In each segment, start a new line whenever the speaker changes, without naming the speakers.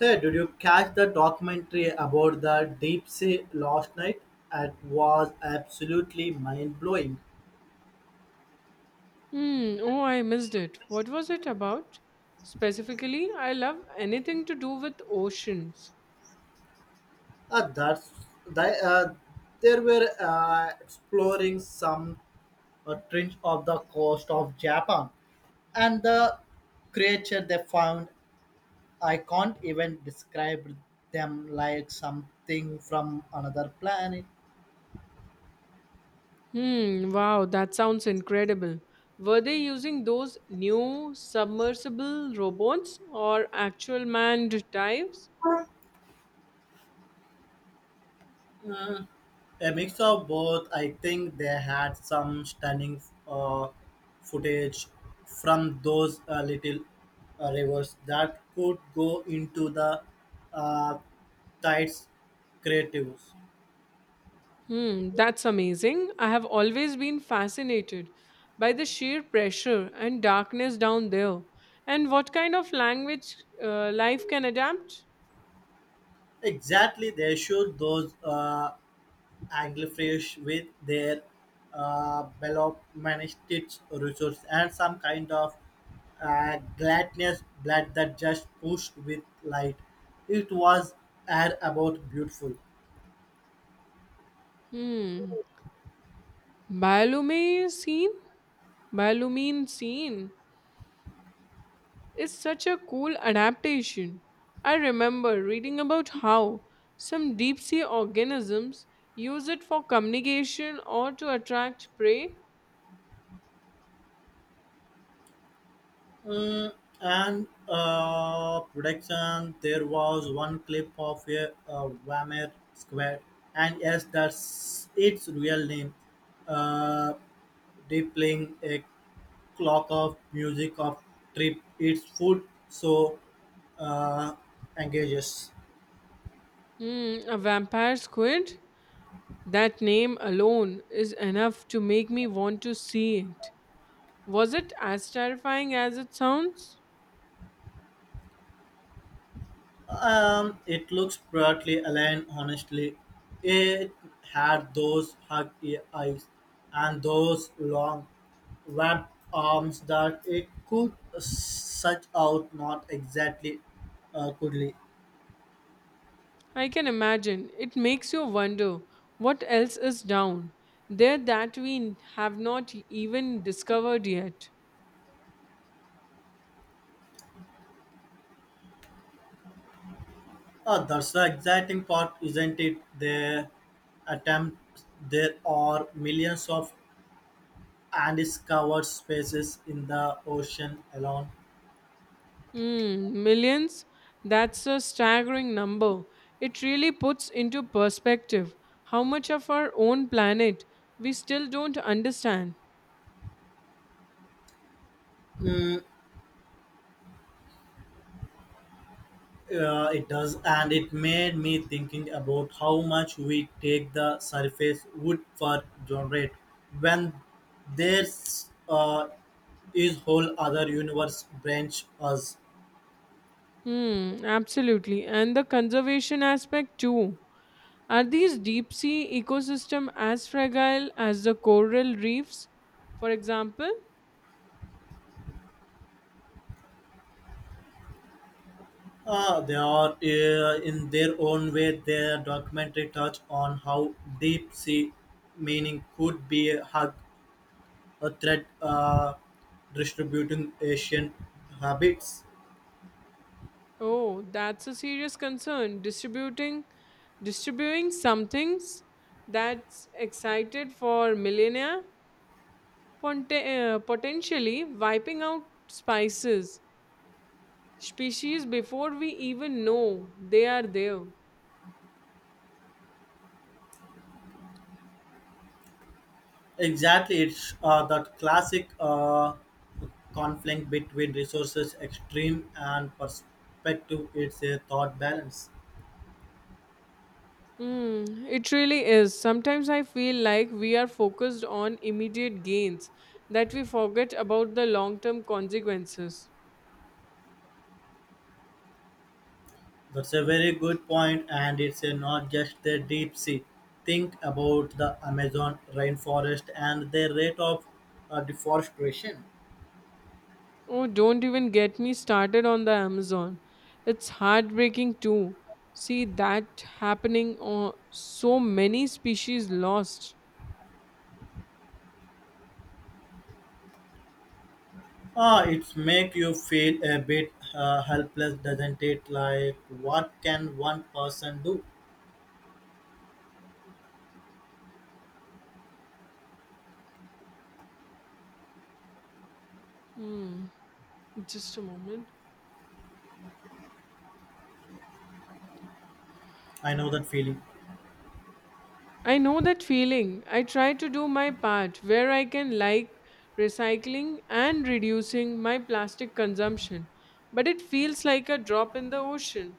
Hey, did you catch the documentary about the deep sea last night? It was absolutely mind blowing.
Hmm. Oh, I missed it. What was it about? Specifically, I love anything to do with oceans.
That's they, uh, they were exploring some trench of the coast of Japan, and the creature they found, I can't even describe them like something from another planet.
Hmm. Wow, that sounds incredible. Were they using those new submersible robots or actual manned dives?
A mix of both. I think they had some stunning footage from those little rivers that could go into the uh, tides creatives.
Hmm. That's amazing. I have always been fascinated by the sheer pressure and darkness down there, and what kind of language life can adapt.
Exactly, they showed those. Anglerfish with their uh, managed resource and some kind of gladness blood that just pushed with light. It was air about beautiful.
Hmm. Bioluminescence? Malumine scene is such a cool adaptation. I remember reading about how some deep sea organisms use it for communication or to attract prey.
Mm, and production, there was one clip of a Wamer Square, and yes, that's its real name. Uh, they playing a clock of music of trip, its food, so uh, engages.
Hmm, a vampire squid? That name alone is enough to make me want to see it. Was it as terrifying as it sounds?
It looks brightly aligned, honestly. It had those hug eyes and those long, webbed arms that it could stretch out, not exactly cuddly.
I can imagine. It makes you wonder what else is down there that we have not even discovered yet.
That's the exciting part, isn't it? Their attempts, there are millions of undiscovered spaces in the ocean alone.
Mm, millions? That's a staggering number. It really puts into perspective how much of our own planet we still don't understand.
It does, and it made me thinking about how much we take the surface wood for granted when there's is whole other universe branch us.
Hmm, absolutely. And the conservation aspect too. Are these deep sea ecosystem as fragile as the coral reefs, for example?
They are in their own way. Their documentary touch on how deep sea meaning could be a hug, a threat, distributing Asian habits.
Oh, that's a serious concern. Distributing some things that's excited for millennia potentially wiping out spices species before we even know they are there.
Exactly, it's that classic conflict between resources extreme and perspective. It's a thought balance.
Hmm, it really is. Sometimes I feel like we are focused on immediate gains that we forget about the long term consequences.
That's a very good point, and it's a not just the deep sea. Think about the Amazon rainforest and the rate of deforestation.
Oh, don't even get me started on the Amazon. It's heartbreaking too. See that happening, or so many species lost.
Ah, it make you feel a bit helpless, doesn't it? Like, what can one person do?
Hmm, just a moment.
I know that feeling.
I know that feeling. I try to do my part where I can, like recycling and reducing my plastic consumption, but it feels like a drop in the ocean.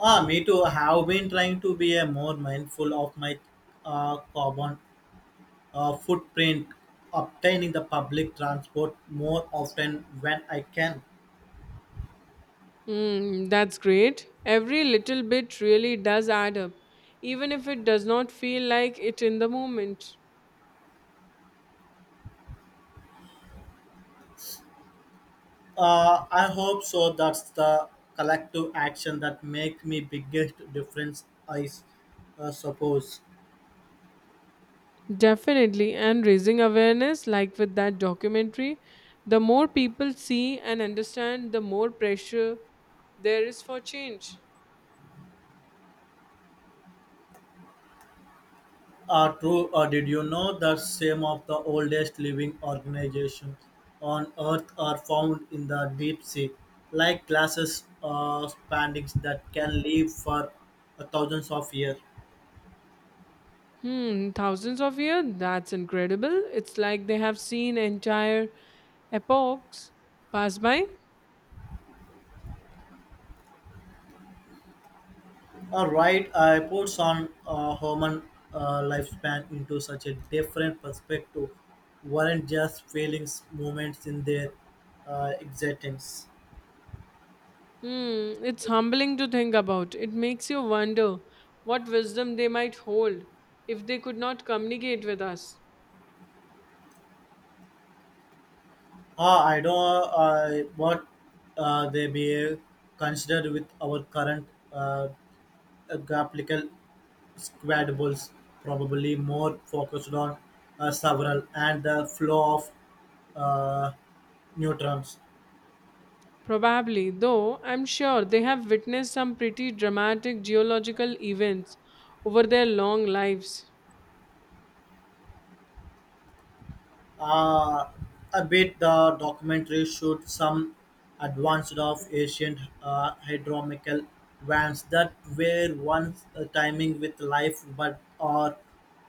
Ah, me too. I have been trying to be a more mindful of my carbon footprint, obtaining the public transport more often when I can.
Hmm, that's great. Every little bit really does add up, even if it does not feel like it in the moment.
I hope so. That's the collective action that makes me biggest difference. Suppose.
Definitely, and raising awareness, like with that documentary, the more people see and understand, the more pressure there is for change.
True, did you know that some of the oldest living organizations on Earth are found in the deep sea, like glasses spandex that can live for thousands of years?
Hmm, thousands of years? That's incredible. It's like they have seen entire epochs pass by.
All right, I puts on human lifespan into such a different perspective, weren't just feelings, moments in their existence.
Hmm, it's humbling to think about. It makes you wonder what wisdom they might hold if they could not communicate with us.
I don't what they be considered with our current applicable squad balls, probably more focused on several and the flow of uh, neutrons.
Probably, though, I'm sure they have witnessed some pretty dramatic geological events over their long lives.
Uh, a bit the documentary showed some advanced of ancient hydromical vans that were once timing with life but are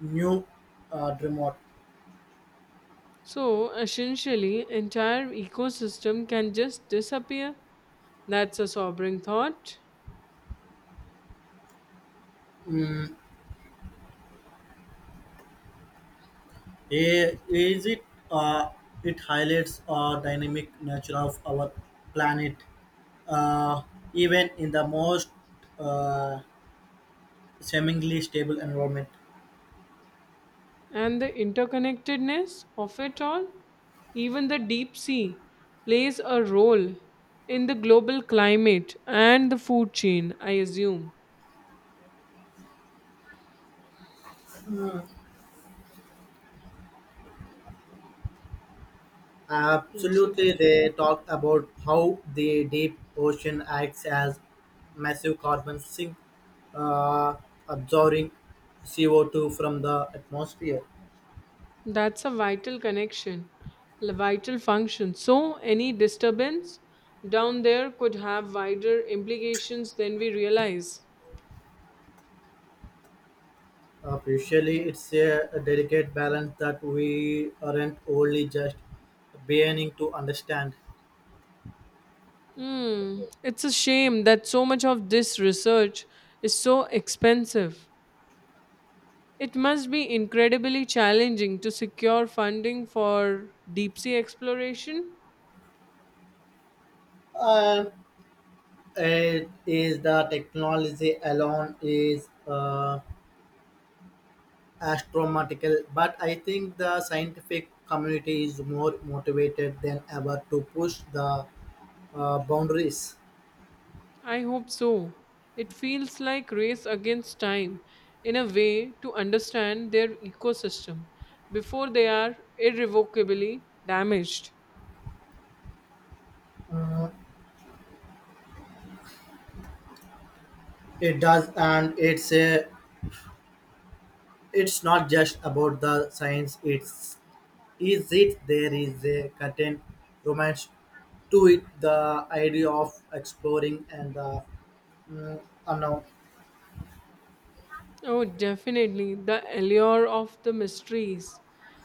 new remote.
So, essentially, entire ecosystem can just disappear. That's a sobering thought.
Eh, is it? Uh, it highlights dynamic nature of our planet, uh, even in the most uh, seemingly stable environment.
And the interconnectedness of it all, even the deep sea plays a role in the global climate and the food chain, I assume.
Absolutely,
Absolutely.
they talk about how the deep ocean acts as massive carbon sink, uh, absorbing CO2 from the atmosphere.
That's a vital connection, a vital function. So, any disturbance down there could have wider implications than we realize.
Usually, it's a delicate balance that we aren't only just beginning to understand.
Hmm. It's a shame that so much of this research is so expensive. It must be incredibly challenging to secure funding for deep sea exploration.
Uh, it is the technology alone is astronomical, but I think the scientific community is more motivated than ever to push the boundaries.
I hope so. It feels like race against time in a way to understand their ecosystem before they are irrevocably damaged.
It does, and it's not just about the science. It's is it there is a certain romance to it, the idea of exploring and the mm, unknown.
Oh, definitely. The allure of the mysteries,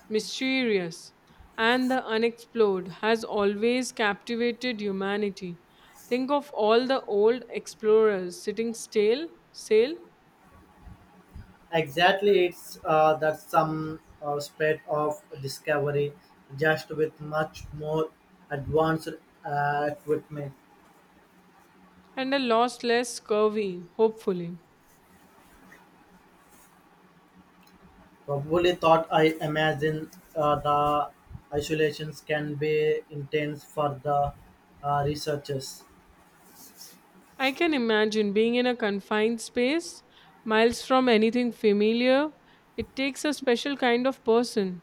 mysterious, and the unexplored has always captivated humanity. Think of all the old explorers sitting still, sail,
Exactly, it's that some spread of discovery, just with much more advanced equipment.
and a lost less curvy, hopefully.
Probably thought I imagine the isolations can be intense for the researchers.
I can imagine being in a confined space, miles from anything familiar. It takes a special kind of person.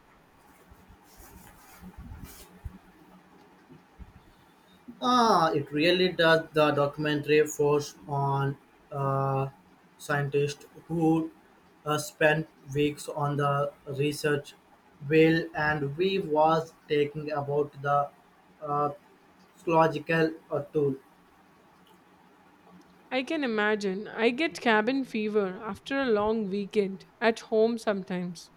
Ah, it really does. The documentary forced on uh, scientists who spent weeks on the research will and we was taking about the uh, psychological tool.
I can imagine. I get cabin fever after a long weekend at home sometimes.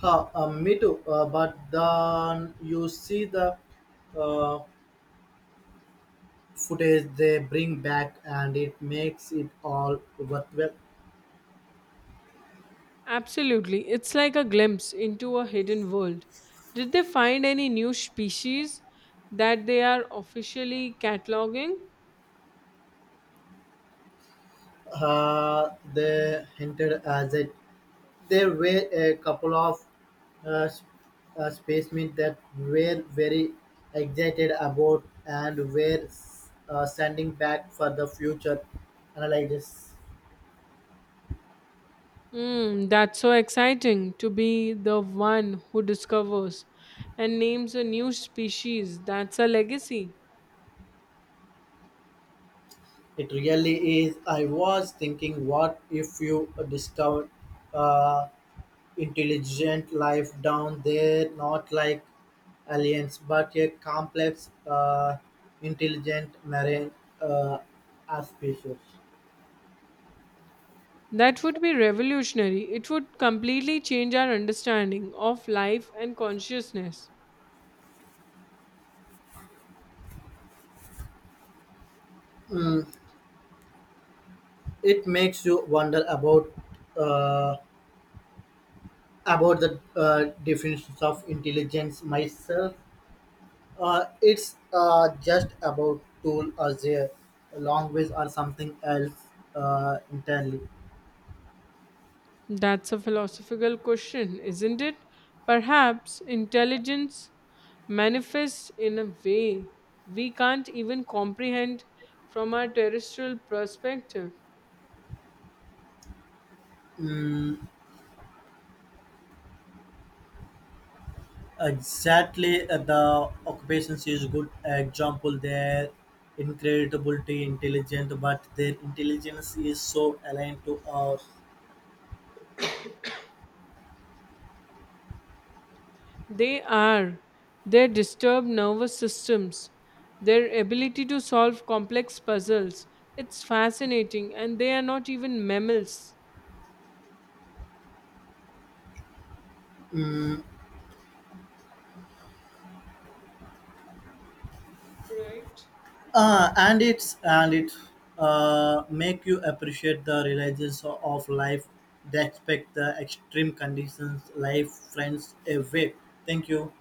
Huh, me too. But then you see the uh, footage they bring back, and it makes it all worthwhile.
Absolutely. It's like a glimpse into a hidden world. Did they find any new species that they are officially cataloging?
They hinted as it. There were a couple of uh, s- spacemen that were very excited about and were sending back for the future analysis.
Hmm, that's so exciting to be the one who discovers and names a new species. That's a legacy.
It really is. I was thinking, what if you discover, uh, intelligent life down there, not like aliens, but a complex, intelligent marine uh, species?
That would be revolutionary. It would completely change our understanding of life and consciousness.
Mm, it makes you wonder about uh, the definitions of intelligence myself. It's just about tool or their language or something else entirely.
That's a philosophical question, isn't it? Perhaps intelligence manifests in a way we can't even comprehend from our terrestrial perspective.
Mm, exactly, the occupations is good example. They're incredibly intelligent, but their intelligence is so aligned to our.
They are their disturbed nervous systems, their ability to solve complex puzzles. It's fascinating, and they are not even mammals. Right.
And it's and it Make you appreciate the realities of life. They expect the extreme conditions, life, friends away. Thank you.